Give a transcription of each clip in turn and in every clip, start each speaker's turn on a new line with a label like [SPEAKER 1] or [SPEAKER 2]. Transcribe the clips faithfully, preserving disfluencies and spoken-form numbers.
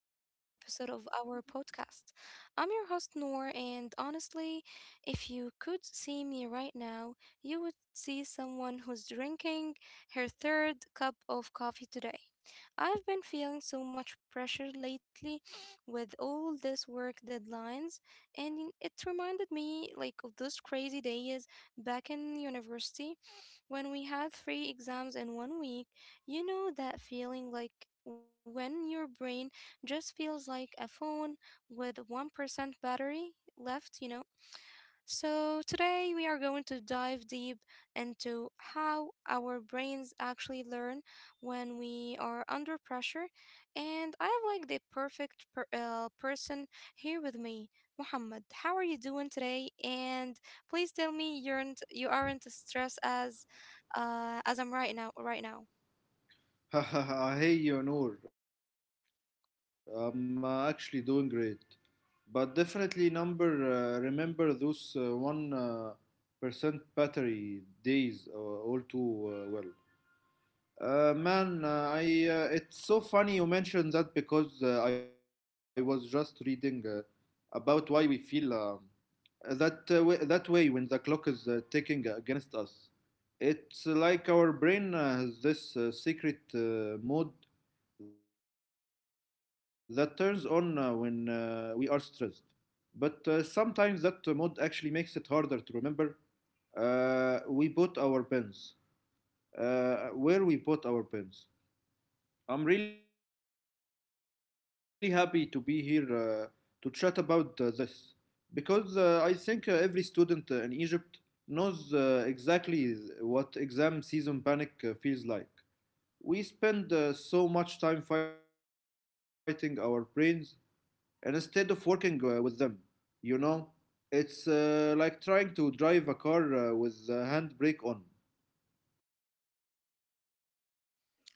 [SPEAKER 1] to another episode of our podcast. I'm your host, Noor, and honestly, if you could see me right now, you would see someone who's drinking her third cup of coffee today. I've been feeling so much pressure lately with all this work deadlines, and it reminded me like of those crazy days back in university when we had three exams in one week. You know that feeling like when your brain just feels like a phone with one percent battery left, you know? So today we are going to dive deep into how our brains actually learn when we are under pressure. And I have like the perfect per- uh, person here with me, Muhammad. How are you doing today? And please tell me you're not you aren't stressed as uh, as I'm right now right now.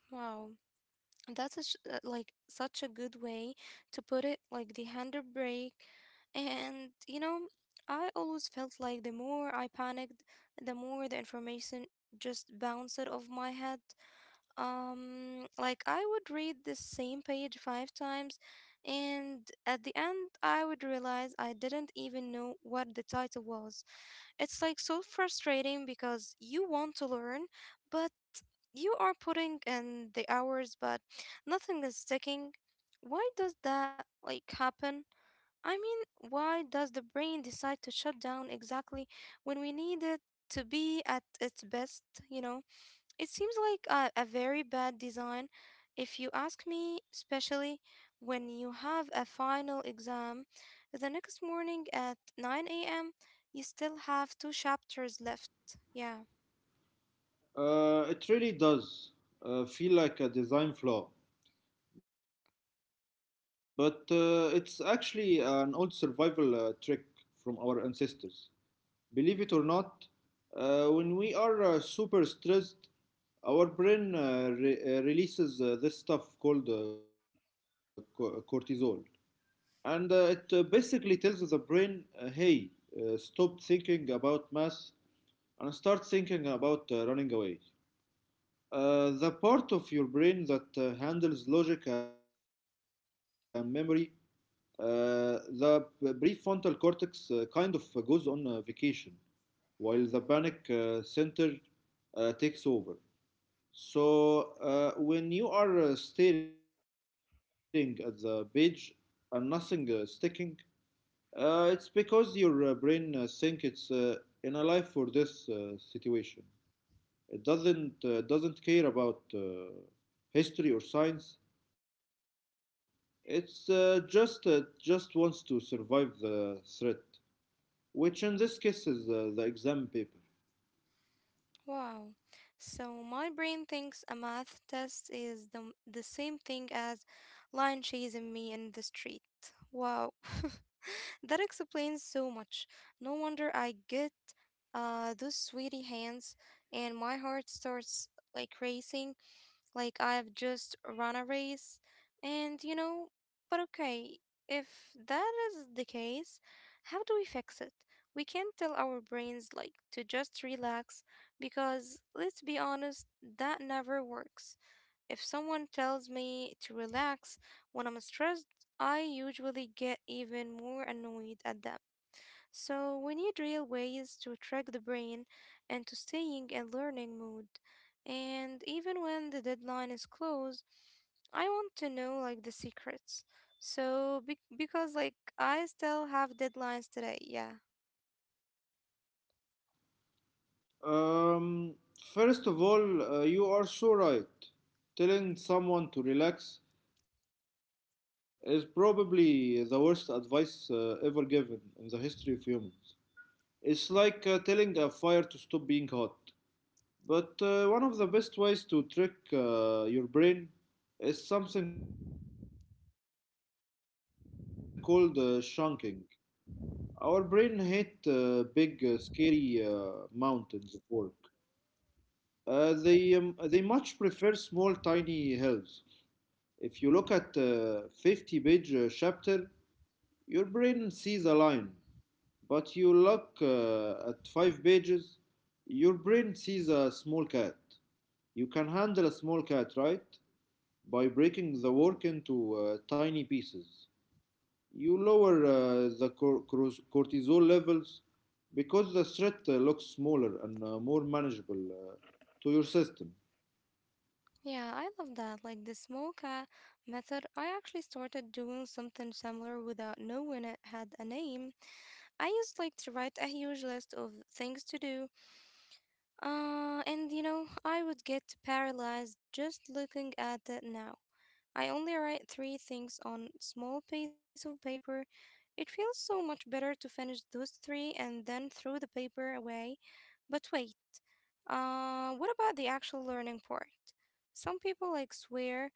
[SPEAKER 1] Wow. That's such, uh, like such a good way to put it, like the handle brake. And you know, I always felt like the more I panicked, the more the information just bounced out of my head. Um, like I would read the same page five times, and at the end, I would realize I didn't even know what the title was. It's like so frustrating because you want to learn, but you are putting in the hours, but nothing is sticking. Why does that like happen? I mean, why does the brain decide to shut down exactly when we need it to be at its best, you know? It seems like a, a very bad design, if you ask me, especially when you have a final exam the next morning at nine a m. You still have two chapters left. Yeah. Wow. So my brain thinks a math test is the, m- the same thing as lion chasing me in the street. Wow. That explains so much. No wonder I get uh those sweaty hands and my heart starts like racing. Like I've just run a race. And you know, but okay, if that is the case, how do we fix it? We can't tell our brains like to just relax because let's be honest, that never works. If someone tells me to relax when I'm stressed, I usually get even more annoyed at them. So we need real ways to track the brain and to staying and learning mood. And even when the deadline is close, I want to know like the secrets. So be- because like I still have deadlines today, yeah. Yeah, I love that. Like the Smoka method, I actually started doing something similar without knowing it had a name. I used like to write a huge list of things to do. Uh, and you know, I would get paralyzed just looking at that now. I only write three things on small piece of paper. It feels so much better to finish those three and then throw the paper away. But wait, uh, what about the actual learning part? Some people like swear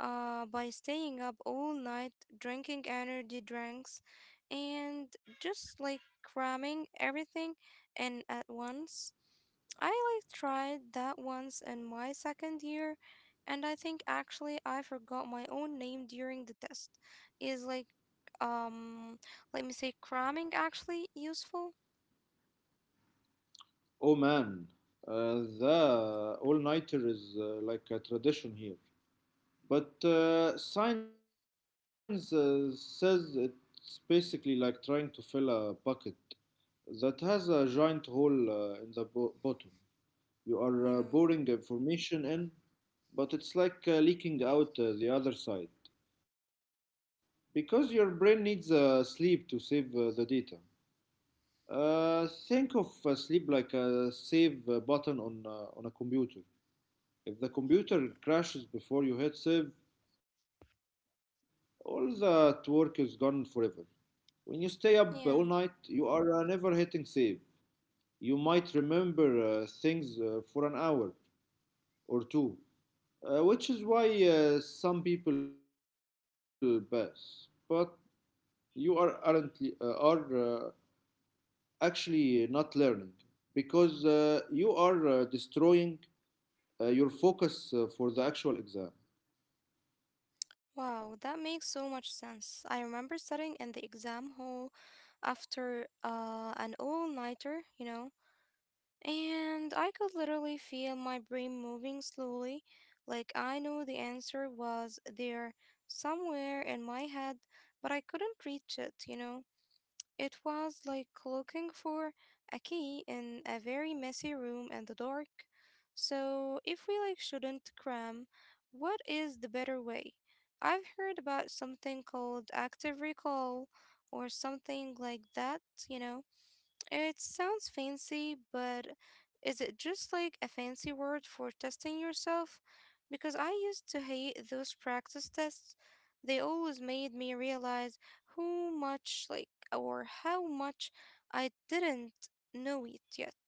[SPEAKER 1] uh, by staying up all night drinking energy drinks and just like cramming everything in at once. I like tried that once in my second year, and I think actually I forgot my own name during the test. Is like, um, let me say, cramming actually useful? Yeah, yeah. Wow, that makes so much sense. I remember sitting in the exam hall after uh, an all nighter, you know. And I could literally feel my brain moving slowly, like I knew the answer was there somewhere in my head, but I couldn't reach it, you know? It was like looking for a key in a very messy room in the dark. So, if we like shouldn't cram, what is the better way? I've heard about something called active recall or something like that, you know? It sounds fancy, but is it just like a fancy word for testing yourself? Because I used to hate those practice tests. They always made me realize how much, like, or how much I didn't know it yet.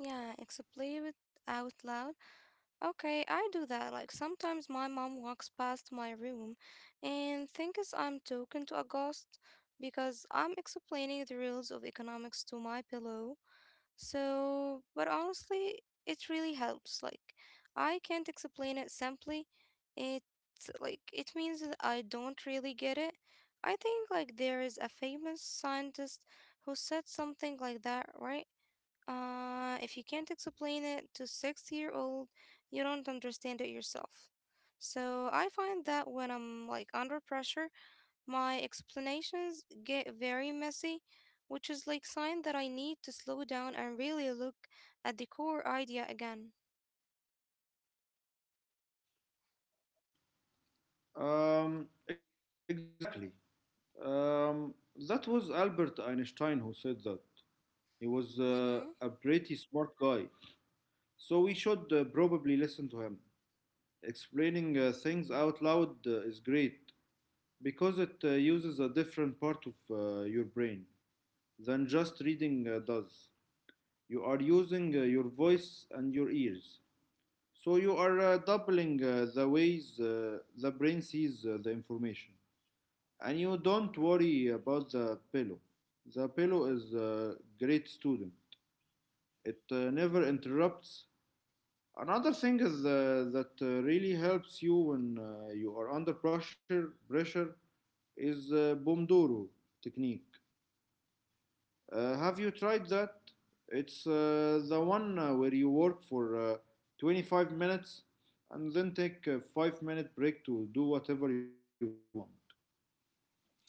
[SPEAKER 1] Yeah, explain it out loud. Okay, I do that. Like sometimes my mom walks past my room and thinks I'm talking to a ghost because I'm explaining the rules of economics to my pillow. So, but honestly, it really helps. Like I can't explain it simply. It's like it means that I don't really get it. I think like there is a famous scientist who said something like that, right? Uh, if you can't explain it to six year old, you don't understand it yourself. So I find that when I'm like under pressure, my explanations get very messy, which is like sign that I need to slow down and really look at the core idea again. Mm-hmm.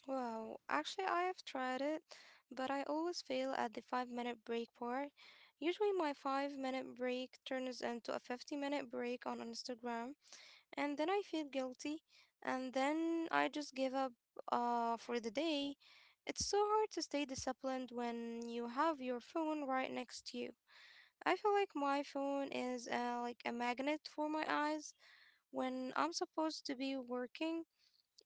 [SPEAKER 1] Wow, actually, I have tried it, but I always fail at the five minute break part. Usually, my five minute break turns into a fifty minute break on Instagram, and then I feel guilty, and then I just give up uh, for the day. It's so hard to stay disciplined when you have your phone right next to you. I feel like my phone is uh, like a magnet for my eyes when I'm supposed to be working.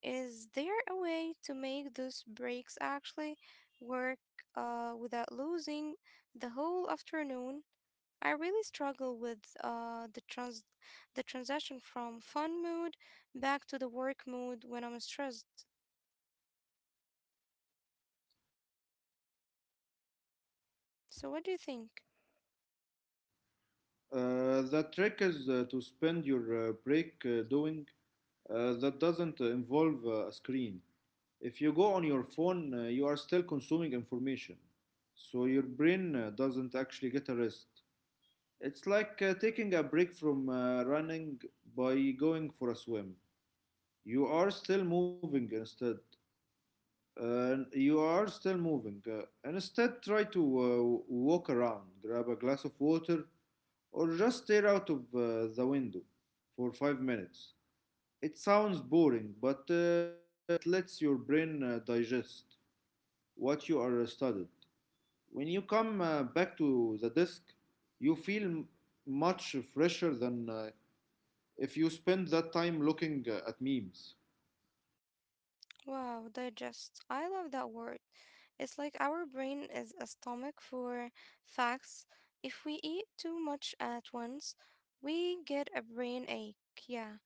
[SPEAKER 1] Is there a way to make those breaks actually work uh, without losing the whole afternoon? I really struggle with uh, the trans the transition from fun mood back to the work mood when I'm stressed. So what do you think? Wow, digest. I love that word. It's like our brain is a stomach for facts. If we eat too much at once, we get a brain ache. Yeah.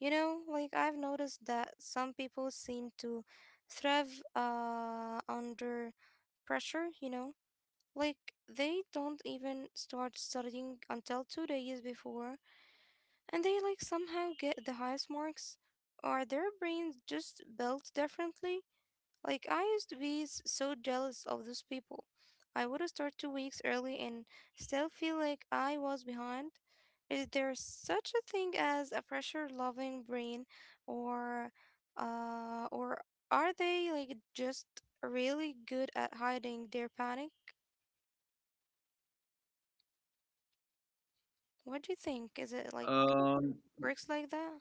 [SPEAKER 1] You know, like I've noticed that some people seem to thrive uh, under pressure, you know, like, they don't even start studying until two days before, and they like somehow get the highest marks. Are their brains just built differently? Like, I used to be s- so jealous of those people. I would start two weeks early and still feel like I was behind. Is there such a thing as a pressure loving brain, or, uh, or are they like just really good at hiding their panic? What do you think? Is it like works like that?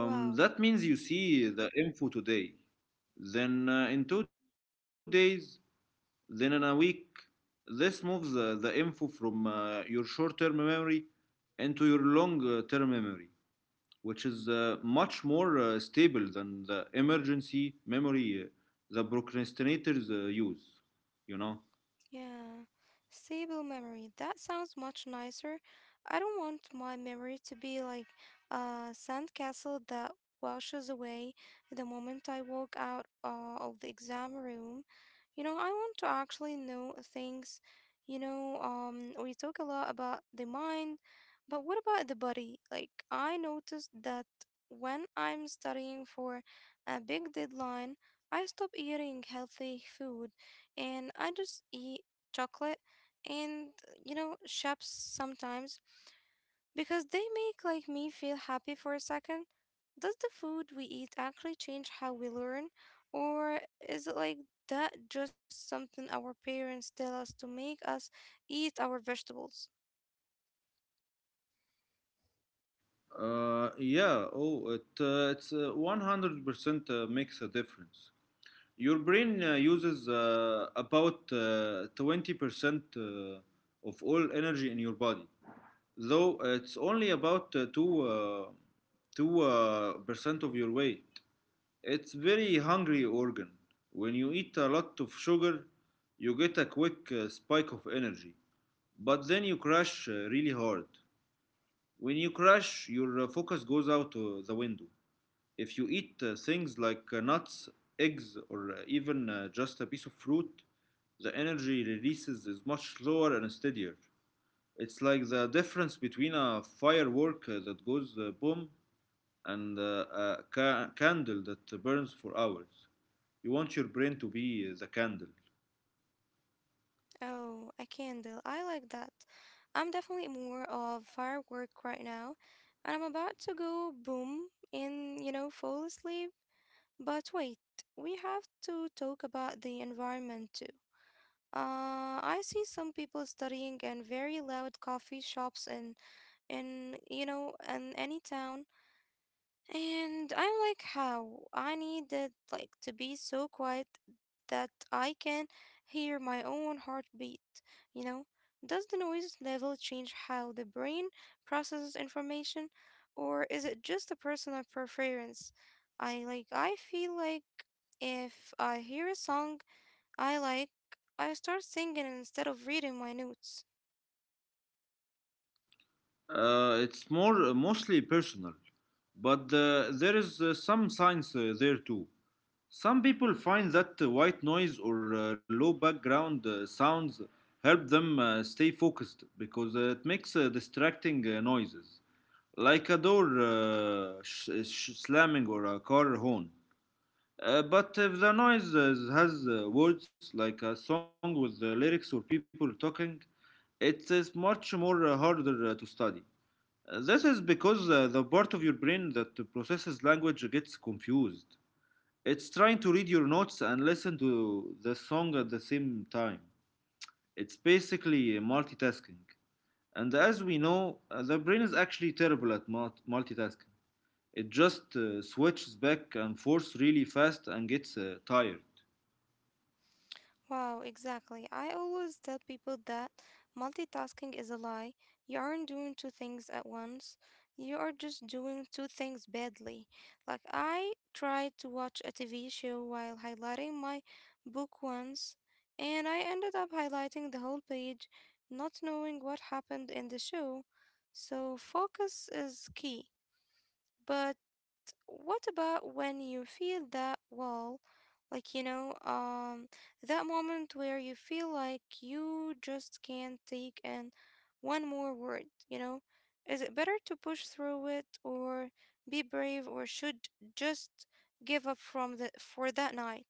[SPEAKER 1] Wow. Yeah, stable memory. That sounds much nicer. I don't want my memory to be like a sandcastle that washes away the moment I walk out uh, of the exam room. You know, I want to actually know things. You know, um, we talk a lot about the mind, but what about the body? Like, I noticed that when I'm studying for a big deadline, I stop eating healthy food and I just eat chocolate and you know shops sometimes because they make like me feel happy for a second. Does the food we eat actually change how we learn, or is it like that just something our parents tell us to make us eat our vegetables? Oh, a candle, I like that. I'm definitely more of firework right now, and I'm about to go boom and you know fall asleep. But wait, we have to talk about the environment too. Uh, I see some people studying in very loud coffee shops in, in you know, in any town, and I'm like, how? I need it like to be so quiet that I can hear my own heartbeat. You know, does the noise level change how the brain processes information, or is it just a personal preference? I like. I feel like if I hear a song I like I start singing instead of reading my notes. Wow, exactly. I always tell people that multitasking is a lie. You aren't doing two things at once. You are just doing two things badly. Like I tried to watch a T V show while highlighting my book once, and I ended up highlighting the whole page, not knowing what happened in the show. So focus is key. But what about when you feel that wall? Like, you know, um, that moment where you feel like you just can't take in one more word, you know? Is it better to push through it or be brave or should just give up from the for that night?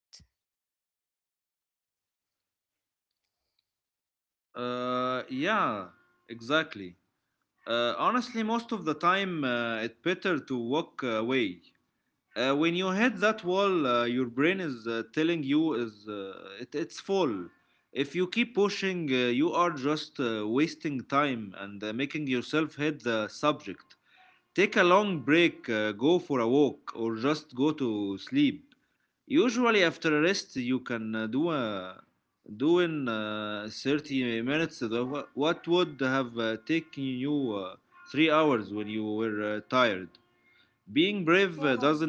[SPEAKER 1] Wow.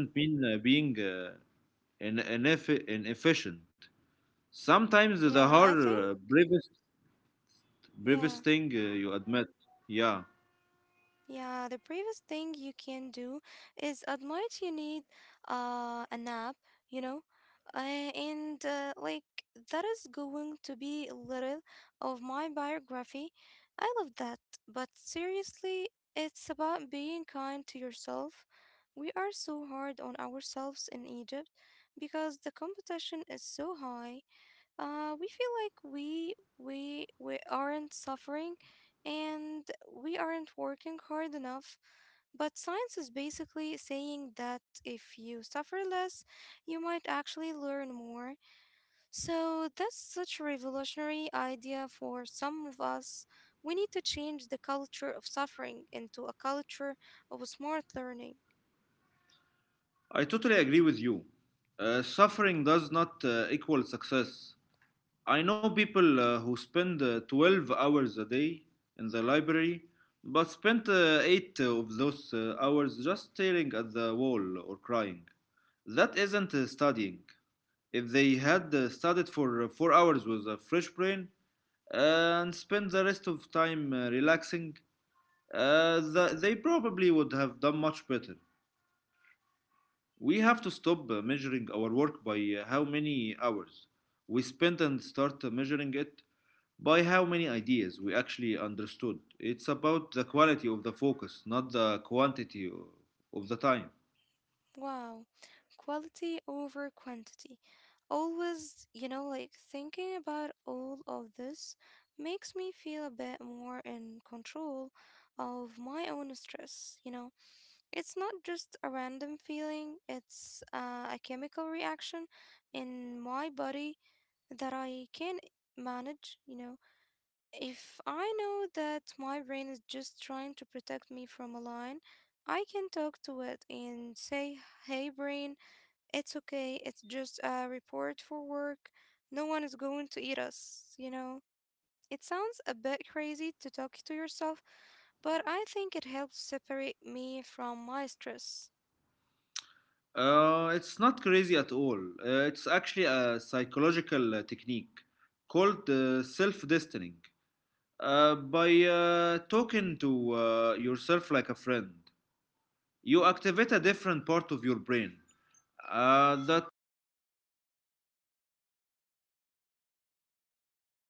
[SPEAKER 1] Yeah, I think yeah. yeah, the previous thing you can do is admit you need uh, a nap, you know, uh, and uh, like that is going to be a little of my biography. I love that, but seriously, it's about being kind to yourself. We are so hard on ourselves in Egypt because the competition is so high, uh, we feel like we we we aren't suffering and we aren't working hard enough, but science is basically saying that if you suffer less you might actually learn more. So that's such a revolutionary idea for some of us. We need to change the culture of suffering into a culture of smart learning. Wow. Quality over quantity. Always, you know, like thinking about all of this makes me feel a bit more in control of my own stress, you know. It's not just a random feeling, it's uh, a chemical reaction in my body that I can manage, you know. If I know that my brain is just trying to protect me from a lion, I can talk to it and say, hey, brain, it's okay. It's just a report for work. No one is going to eat us, you know? It sounds a bit crazy to talk to yourself, but I think it helps separate me from my stress.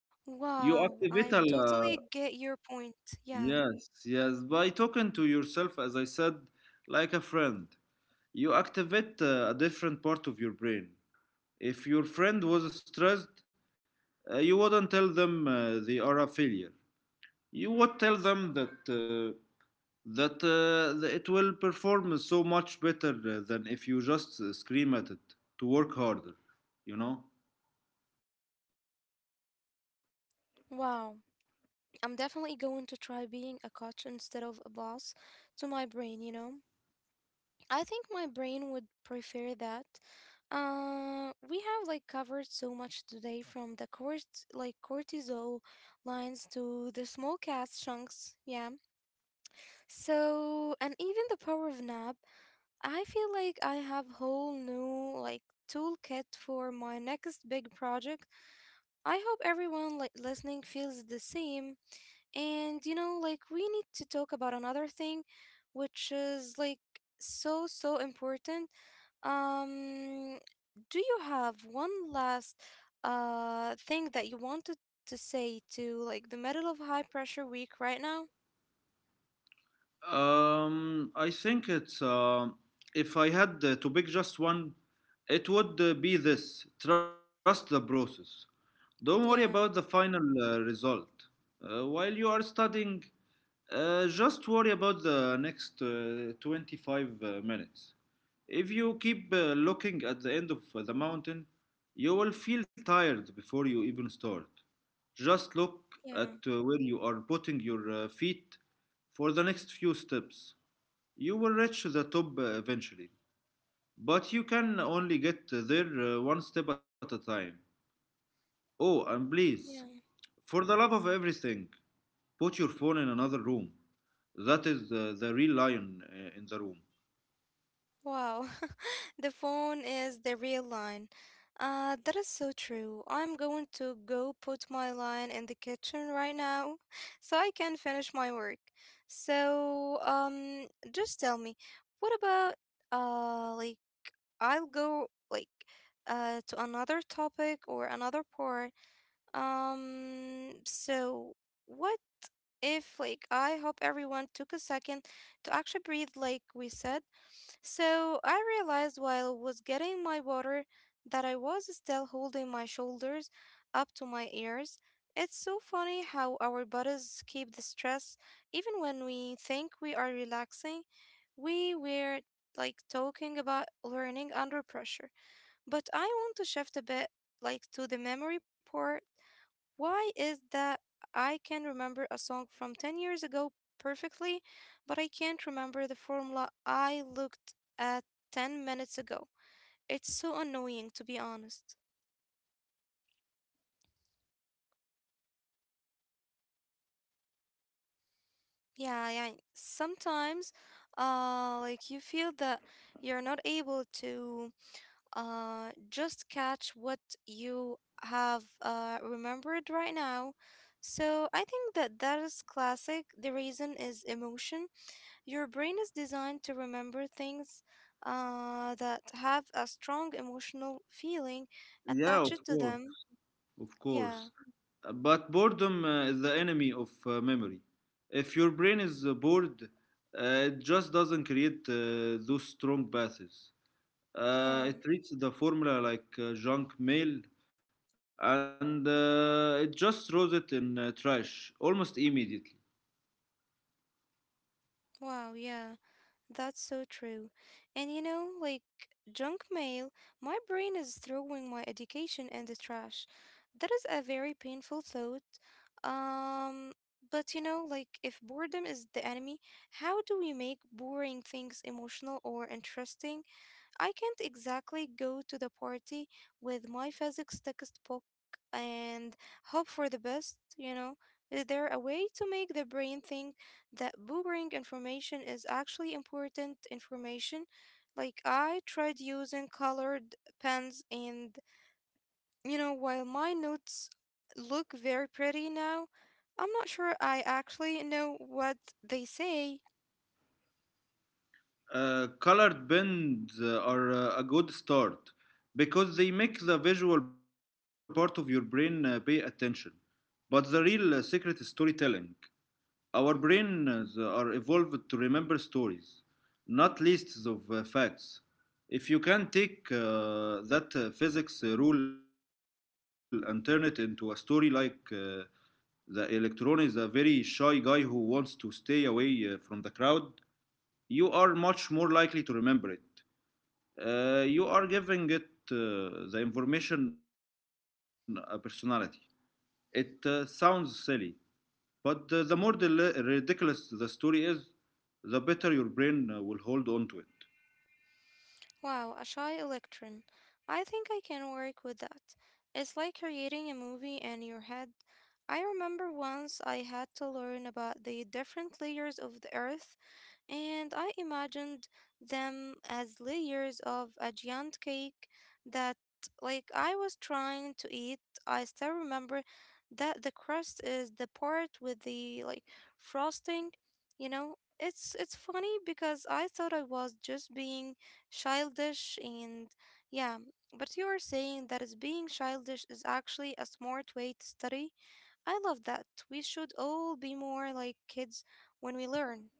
[SPEAKER 1] Wow, I totally get your point. Yeah. Wow. I'm definitely going to try being a coach instead of a boss to my brain, you know? I think my brain would prefer that. Uh, we have like covered so much today from the court like cortisol lines to the small cast chunks, yeah. So, and even the power of nap, I feel like I have whole new like toolkit for my next big project. I hope everyone like listening feels the same. And you know, like we need to talk about another thing which is like so so important. Um do you have one last uh thing that you wanted to say to like the middle of high pressure week right now? Yeah. Yeah. Yeah. Wow, the phone is the real line. Uh, that is so true. I'm going to go put my line in the kitchen right now so I can finish my work. So, um, just tell me, what about, uh, like, I'll go, like, uh, to another topic or another part. Um, so what if, like, I hope everyone took a second to actually breathe, like we said. So I realized while I was getting my water that I was still holding my shoulders up to my ears. It's so funny how our bodies keep the stress even when we think we are relaxing. We were like talking about learning under pressure, but I want to shift a bit like to the memory part. Why is that I can remember a song from ten years ago perfectly, but I can't remember the formula I looked at ten minutes ago? It's so annoying, to be honest. Yeah, yeah. Sometimes, uh, like you feel that you're not able to uh just catch what you have uh remembered right now. So I think that that is classic. The reason is emotion. Your brain is designed to remember things uh, that have a strong emotional feeling attached to them. Yeah, yeah. Wow, yeah. That's so true. And you know, like junk mail, my brain is throwing my education in the trash. That is a very painful thought. Um, but you know, like if boredom is the enemy, how do we make boring things emotional or interesting? I can't exactly go to the party with my physics textbook and hope for the best, you know? Is there a way to make the brain think that boogering information is actually important information? Like, I tried using colored pens, and, you know, while my notes look very pretty now, I'm not sure I actually know what they say. Wow, a shy electron. I think I can work with that. It's like creating a movie in your head. I remember once I had to learn about the different layers of the earth and I imagined them as layers of a giant cake that, like, I was trying to eat. I still remember that the crust is the part with the like frosting. You know, it's it's funny because I thought I was just being childish, and yeah. But you are saying that is being childish is actually a smart way to study. I love that. We should all be more like kids when we learn.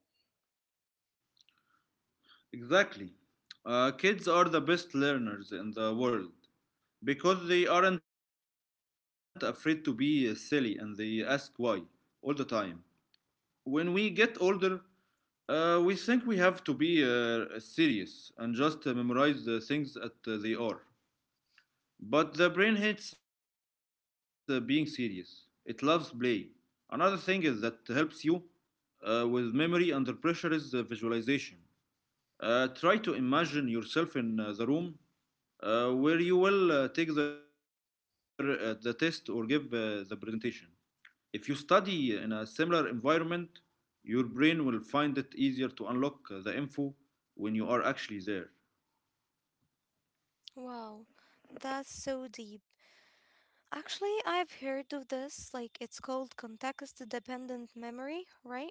[SPEAKER 1] Wow, that's so deep. Actually, I've heard of this, like it's called context dependent memory, right?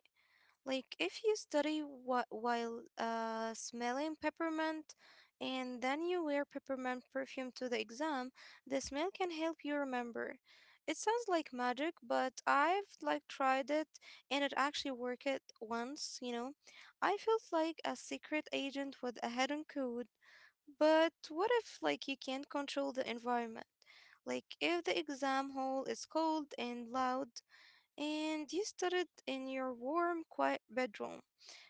[SPEAKER 1] Like if you study what while uh, smelling peppermint and then you wear peppermint perfume to the exam, the smell can help you remember. It sounds like magic, but I've like tried it and it actually worked it once, you know. I felt like a secret agent with a hidden code. But what if, like, you can't control the environment? Like, if the exam hall is cold and loud, and you studied in your warm, quiet bedroom.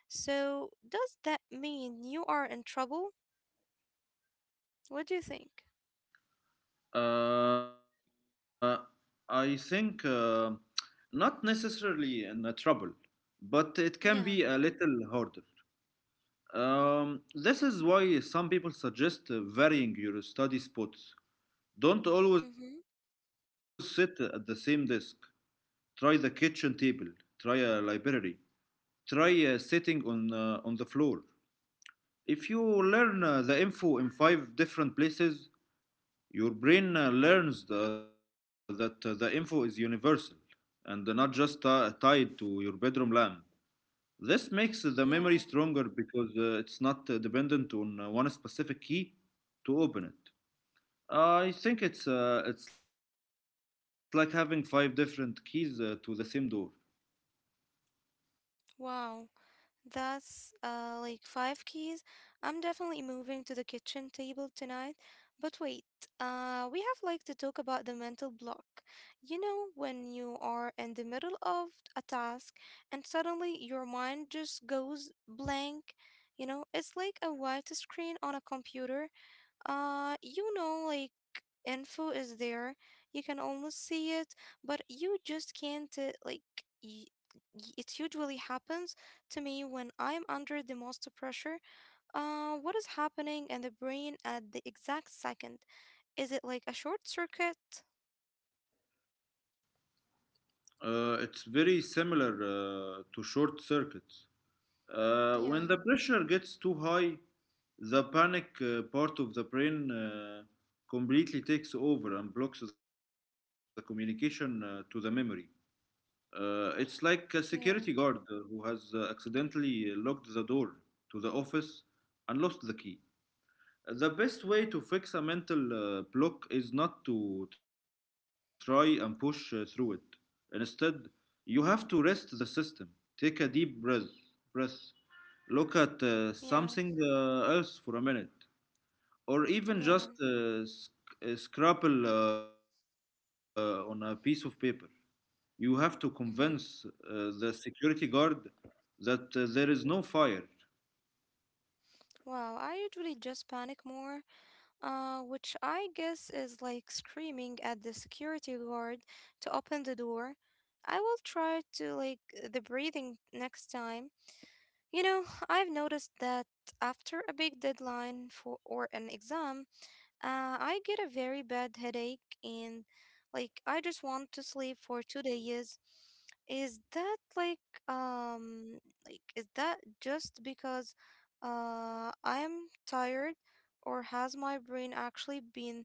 [SPEAKER 1] So, does that mean you are in trouble? What do you think? Yeah. Mm-hmm. Yeah. Wow. That's uh, like five keys. I'm definitely moving to the kitchen table tonight. But wait, uh, we have like to talk about the mental block. You know, when you are in the middle of a task and suddenly your mind just goes blank. You know, it's like a white screen on a computer uh, you know, like info is there. You can almost see it, but you just can't uh, like y y- it usually happens to me when I'm under the most pressure. Uh, what is happening in the brain at the exact second? Is it like a short circuit? Yeah, yeah, yeah, yeah. Mm-hmm. Wow, I usually just panic more. Uh, which I guess is like screaming at the security guard to open the door. I will try to like the breathing next time. You know, I've noticed that after a big deadline for or an exam, uh, I get a very bad headache and like I just want to sleep for two days. Is that like um like is that just because uh I'm tired or has my brain actually been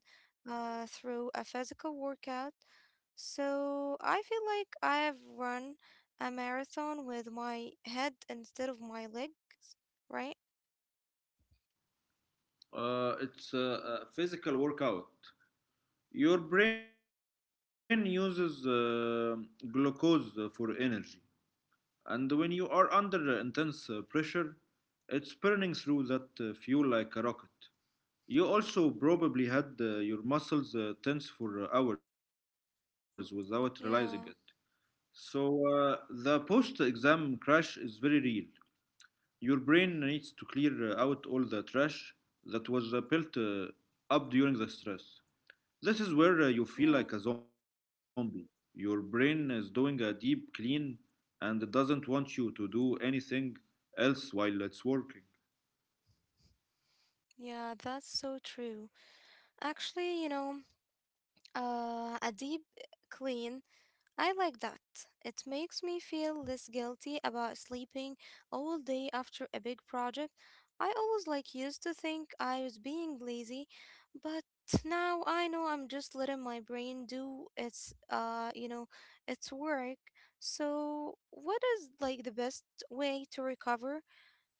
[SPEAKER 1] uh through a physical workout? So I feel like I have run a marathon with my head instead of my legs, right? Yeah, yeah, yeah, that's so true. Actually, you know, uh, a deep clean, I like that. It makes me feel less guilty about sleeping all day after a big project. I always like used to think I was being lazy, but now I know I'm just letting my brain do its uh, you know, its work. So, what is like the best way to recover?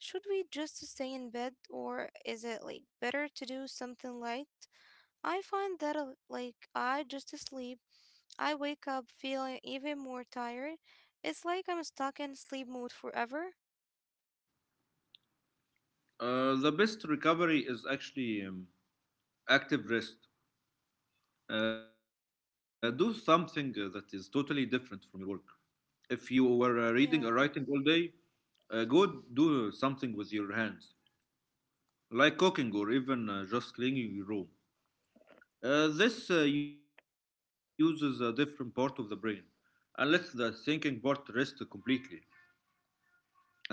[SPEAKER 1] Should we just stay in bed or is it like better to do something light? I find that uh, like I just sleep. I wake up feeling even more tired. It's like I'm stuck in sleep mode forever. Yeah,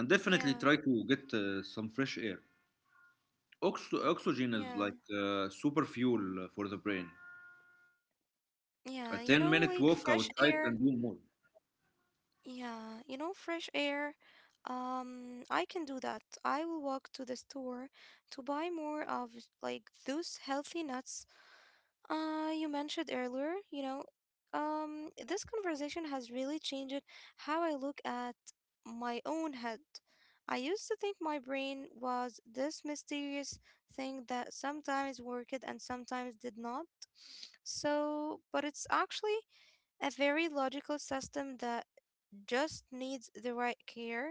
[SPEAKER 1] yeah, yeah, yeah. You know, like fresh air. Yeah, you know, fresh air. Um, I can do that. I will walk to the store to buy more of like those healthy nuts Uh, you mentioned earlier, you know. Um, this conversation has really changed how I look at my own head. I used to think my brain was this mysterious thing that sometimes worked and sometimes did not. So, but it's actually a very logical system that just needs the right care.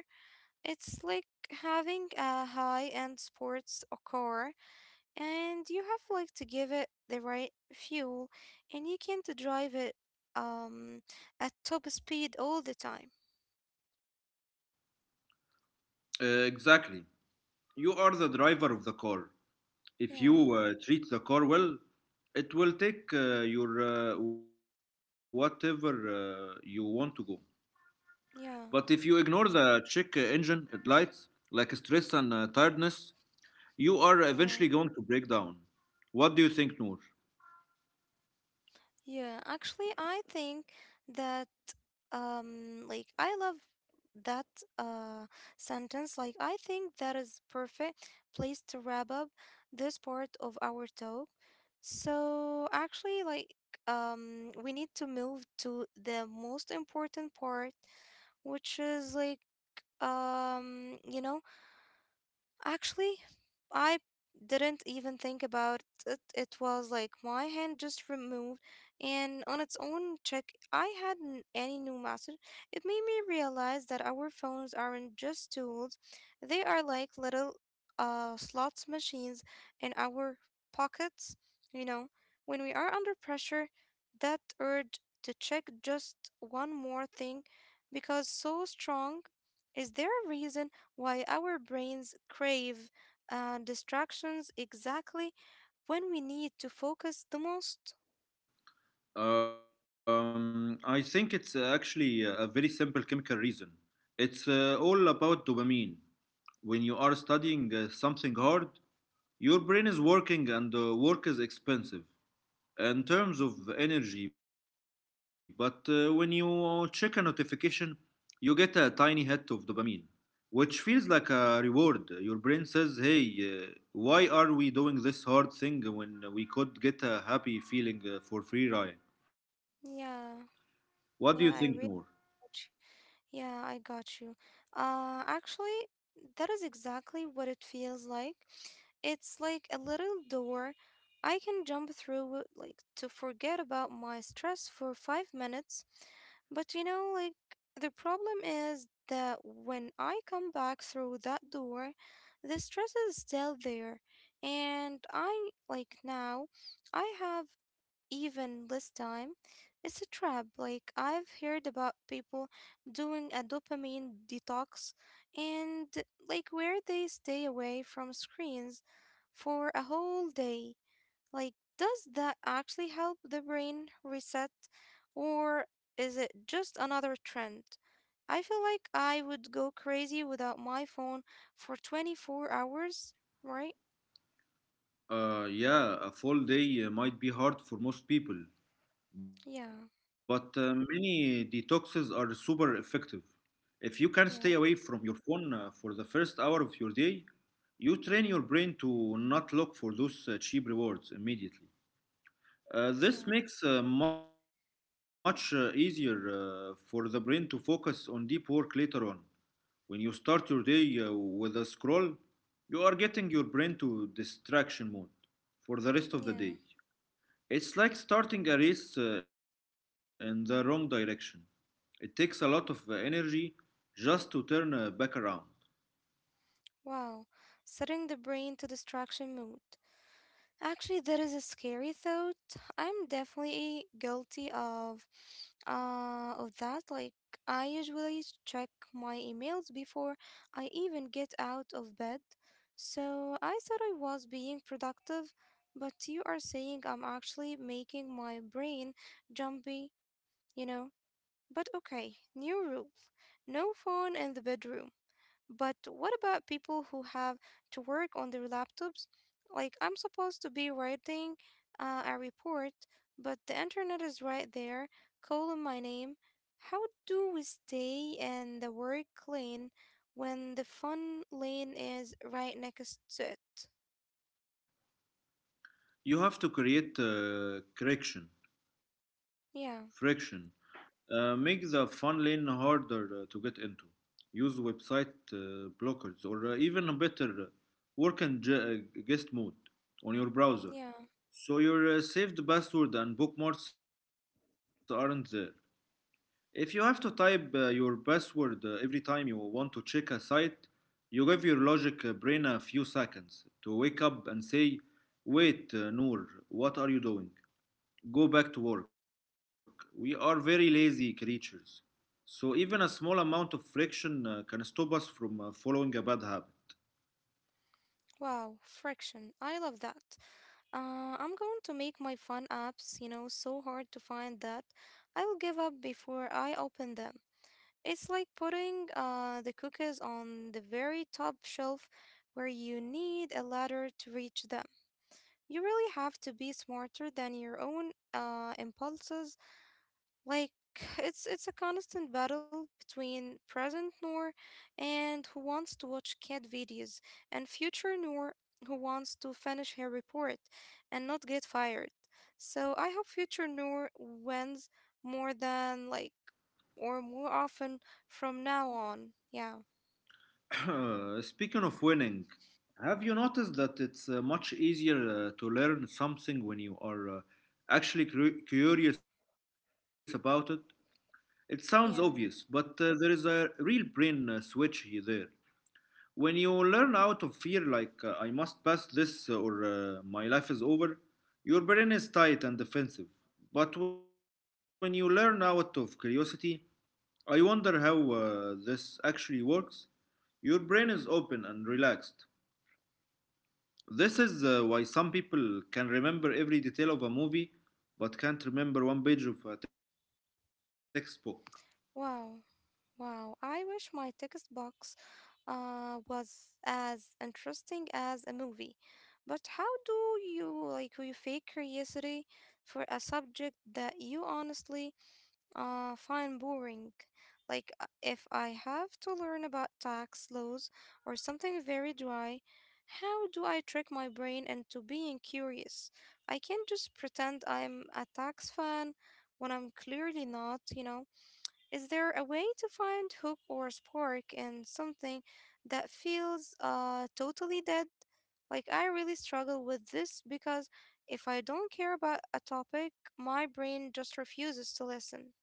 [SPEAKER 1] It's like having a high-end sports car and you have like to give it the right fuel and you can't drive it um at top speed all the time. Yeah, yeah, yeah, yeah. Actually, I think that um like I love that uh sentence. Like I think that is perfect place to wrap up this part of our talk. So actually, like, um, we need to move to the most important part, which is like, um, you know. Actually, I didn't even think about it. It was like my hand just removed, and on its own check, I hadn't any new message. It made me realize that our phones aren't just tools, they are like little uh, slots machines in our pockets. You know, when we are under pressure, that urge to check just one more thing because so strong. Is there a reason why our brains crave uh, distractions exactly when we need to focus the most? Yeah, yeah, I really. Yeah, I got you. Uh, actually, that is exactly what it feels like. It's like a little door I can jump through, like to forget about my stress for five minutes. But you know, like the problem is that when I come back through that door, the stress is still there. And I, like now, I have even less time. It's a trap. Like I've heard about people doing a dopamine detox and like where they stay away from screens for a whole day. Like does that actually help the brain reset or is it just another trend? I feel like I would go crazy without my phone for twenty-four hours, right? Yeah. Yeah. Yeah. Yeah. Wow, setting the brain to distraction mode. Actually, that is a scary thought. I'm definitely guilty of uh of that. Like I usually s- check my emails before I even get out of bed. So I thought I was being productive, but you are saying I'm actually making my brain jumpy, you know. But okay, new rule. No phone in the bedroom. But what about people who have to work on their laptops? Like, I'm supposed to be writing uh, a report, but the internet is right there, calling my name. How do we stay in the work lane when the fun lane is right next to it? Yeah, yeah. Wow, friction. I love that. Uh, I'm going to make my fun apps, you know, so hard to find that I will give up before I open them. It's like putting uh, the cookies on the very top shelf where you need a ladder to reach them. You really have to be smarter than your own uh, impulses. Like it's it's a constant battle between present Noor and who wants to watch cat videos and future Noor who wants to finish her report and not get fired. So I hope future Noor wins more than like or more often from now on. Yeah, yeah. Wow. Wow, I wish my text box uh, was as interesting as a movie. But how do you like you fake curiosity for a subject that you honestly uh, find boring. Like, uh, if I have to learn about tax laws or something very dry, how do I trick my brain into being curious? I can't just pretend I'm a tax fan when I'm clearly not, you know? Is there a way to find hook or spark in something that feels uh, totally dead? Like, I really struggle with this because if I don't care about a topic, my brain just refuses to listen.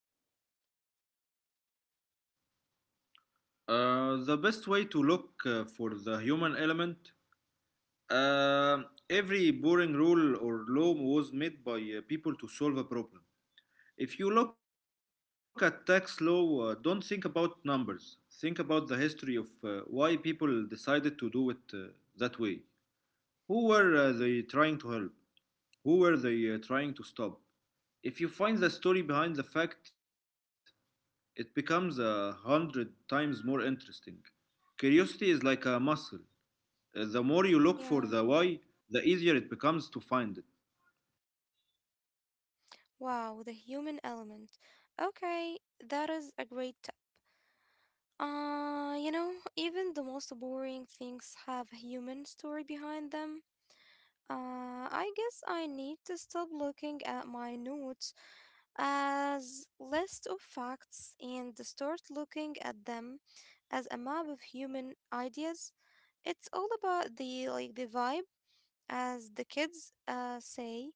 [SPEAKER 1] Yeah. Wow, the human element. Okay, that is a great tip. Uh, you know, even the most boring things have a human story behind them. Uh, I guess I need to stop looking at my notes as list of facts and start looking at them as a map of human ideas. It's all about the like the vibe as the kids uh, say,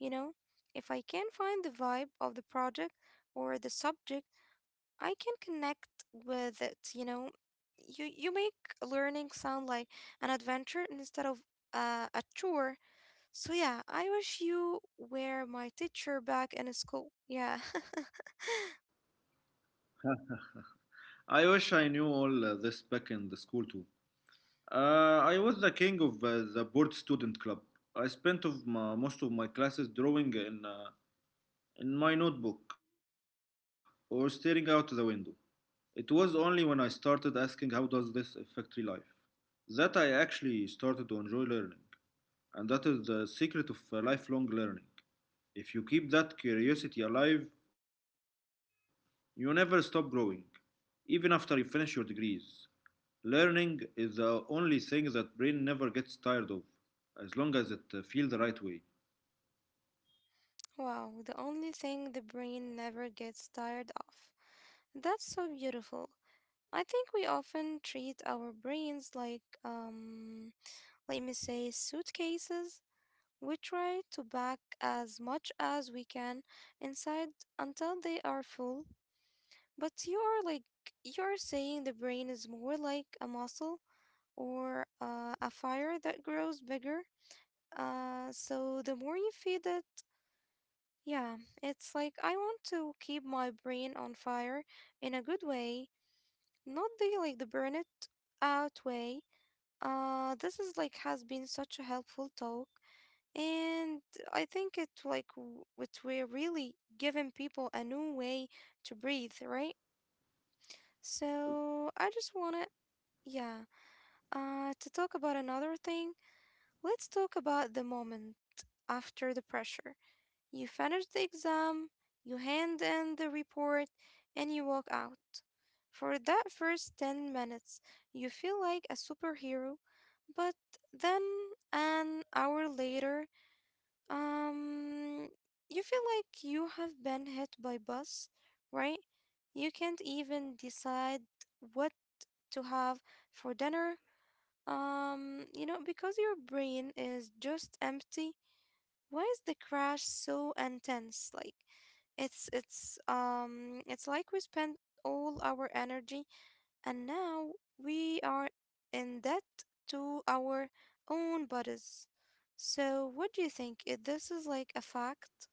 [SPEAKER 1] you know, if I can find the vibe of the project or the subject, I can connect with it, you know. You you make learning sound like an adventure instead of uh, a chore. So yeah, I wish you were my teacher back in school. Yeah. Wow, the only thing the brain never gets tired of. That's so beautiful. I think we often treat our brains like um let me say, suitcases, we try to pack as much as we can inside until they are full. But you are like, you're saying the brain is more like a muscle or uh, a fire that grows bigger. Uh, so the more you feed it, yeah, it's like I want to keep my brain on fire in a good way, not the like the burn it out way. Uh, this is like has been such a helpful talk. And I think it like w- it we're really giving people a new way to breathe, right? So I just wanna yeah, uh to talk about another thing. Let's talk about the moment after the pressure. You finish the exam, you hand in the report, and you walk out. For that first ten minutes, you feel like a superhero, but then an hour later Um, you feel like you have been hit by bus, right? You can't even decide what to have for dinner. Um, you know, because your brain is just empty. Why is the crash so intense? Like, it's it's um it's like we spend all our energy and now we are in debt to our own bodies. So, what do you think? If this is like a fact?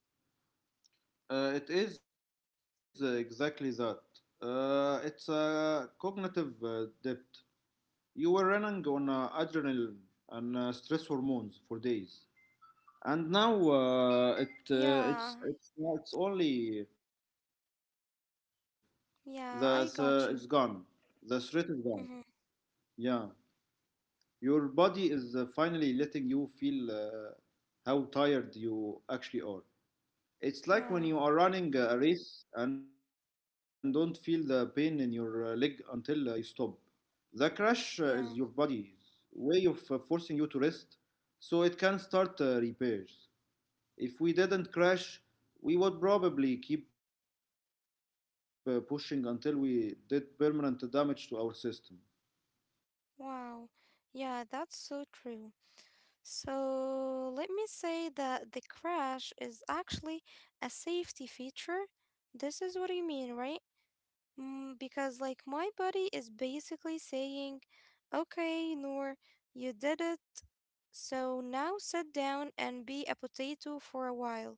[SPEAKER 1] Yeah, yeah, I got you. Mm-hmm. Yeah, yeah, wow. Yeah, that's so true. So, let me say that the crash is actually a safety feature. This is what you mean, right? Mm, because, like, my body is basically saying, okay, Noor, you did it. So now sit down and be a potato for a while.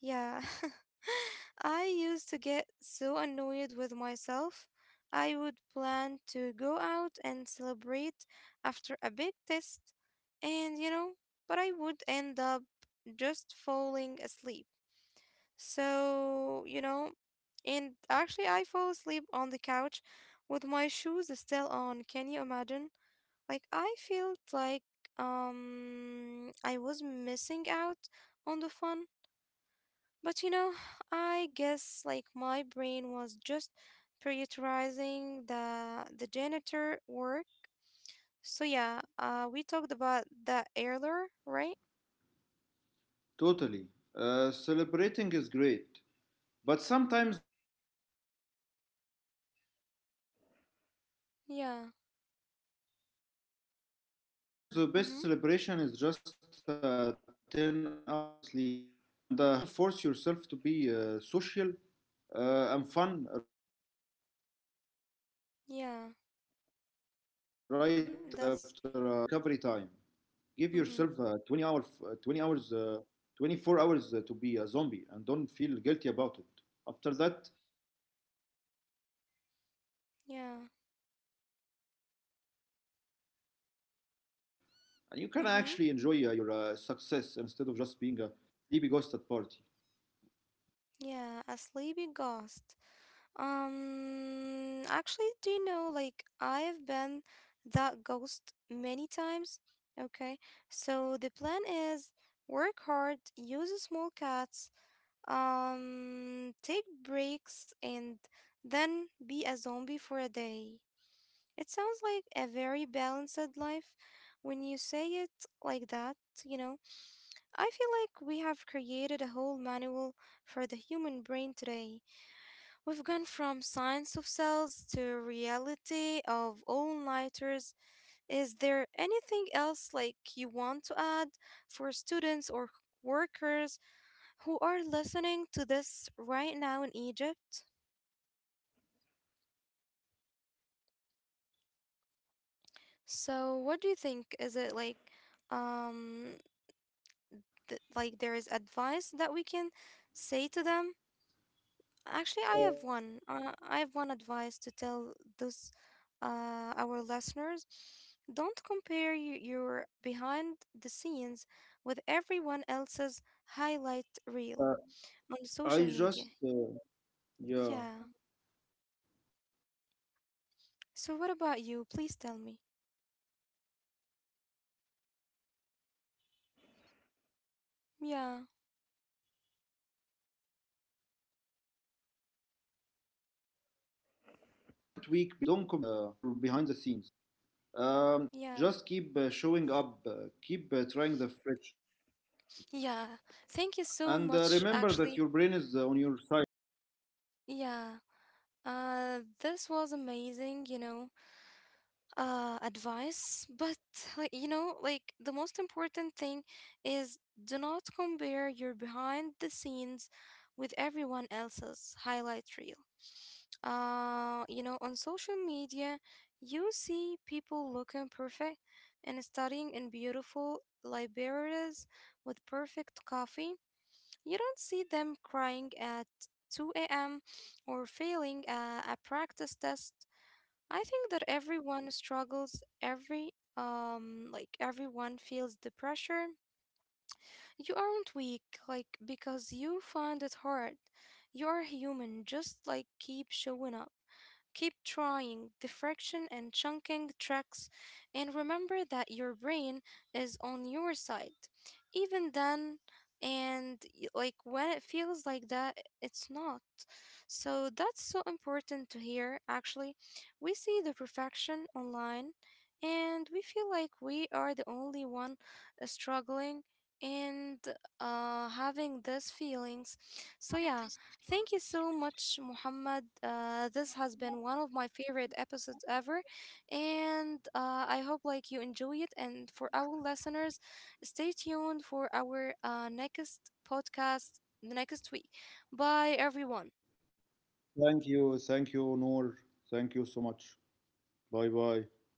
[SPEAKER 1] Yeah. I used to get so annoyed with myself. I would plan to go out and celebrate after a big test, and you know, but I would end up just falling asleep. So, you know, and actually, I fall asleep on the couch with my shoes still on. Can you imagine? Like, I felt like um I was missing out on the fun. But you know, I guess like my brain was just prioritizing the the janitor work. So yeah, uh we talked about the earlier, right? Yeah. Mhm. Yeah. Mm, that's mhm. Yeah. Mhm. Yeah, a sleepy ghost. Um, actually, do you know, like, I've been that ghost many times. Okay, so the plan is work hard, use small cats, um, take breaks, and then be a zombie for a day. It sounds like a very balanced life when you say it like that, you know. I feel like we have created a whole manual for the human brain today. We've gone from science of cells to reality of all-nighters. Is there anything else like you want to add for students or workers who are listening to this right now in Egypt? So, what do you think? Is it like um th- like there is advice that we can say to them? Actually, I have one. Uh, I have one advice to tell those uh, our listeners. Don't compare y- your behind the scenes with everyone else's highlight reel on social media. Yeah. So, what about you? Please tell me. Yeah. Yeah. Yeah. Thank you so much, actually. Yeah. Uh, this was amazing, you know. Uh, advice, but like, you know, like the most important thing is do not compare your behind the scenes with everyone else's highlight reel. Uh, you know, on social media, you see people looking perfect and studying in beautiful libraries with perfect coffee. You don't see them crying at two a m or failing a, a practice test. I think that everyone struggles, every um like everyone feels the pressure. You aren't weak like because you find it hard. You are human, just like keep showing up. Keep trying diffraction and chunking tricks, and remember that your brain is on your side. Even then, and y- like when it feels like that, it's not. So that's so important to hear. Actually, we see the perfection online, and we feel like we are the only one uh, struggling and uh, having these feelings. So yeah, thank you so much, Muhammad. Uh, this has been one of my favorite episodes ever, and uh, I hope like you enjoy it. And for our listeners, stay tuned for our uh, next podcast next week. Bye, everyone.
[SPEAKER 2] Thank you. Thank you, Noor. Thank you so much. Bye bye.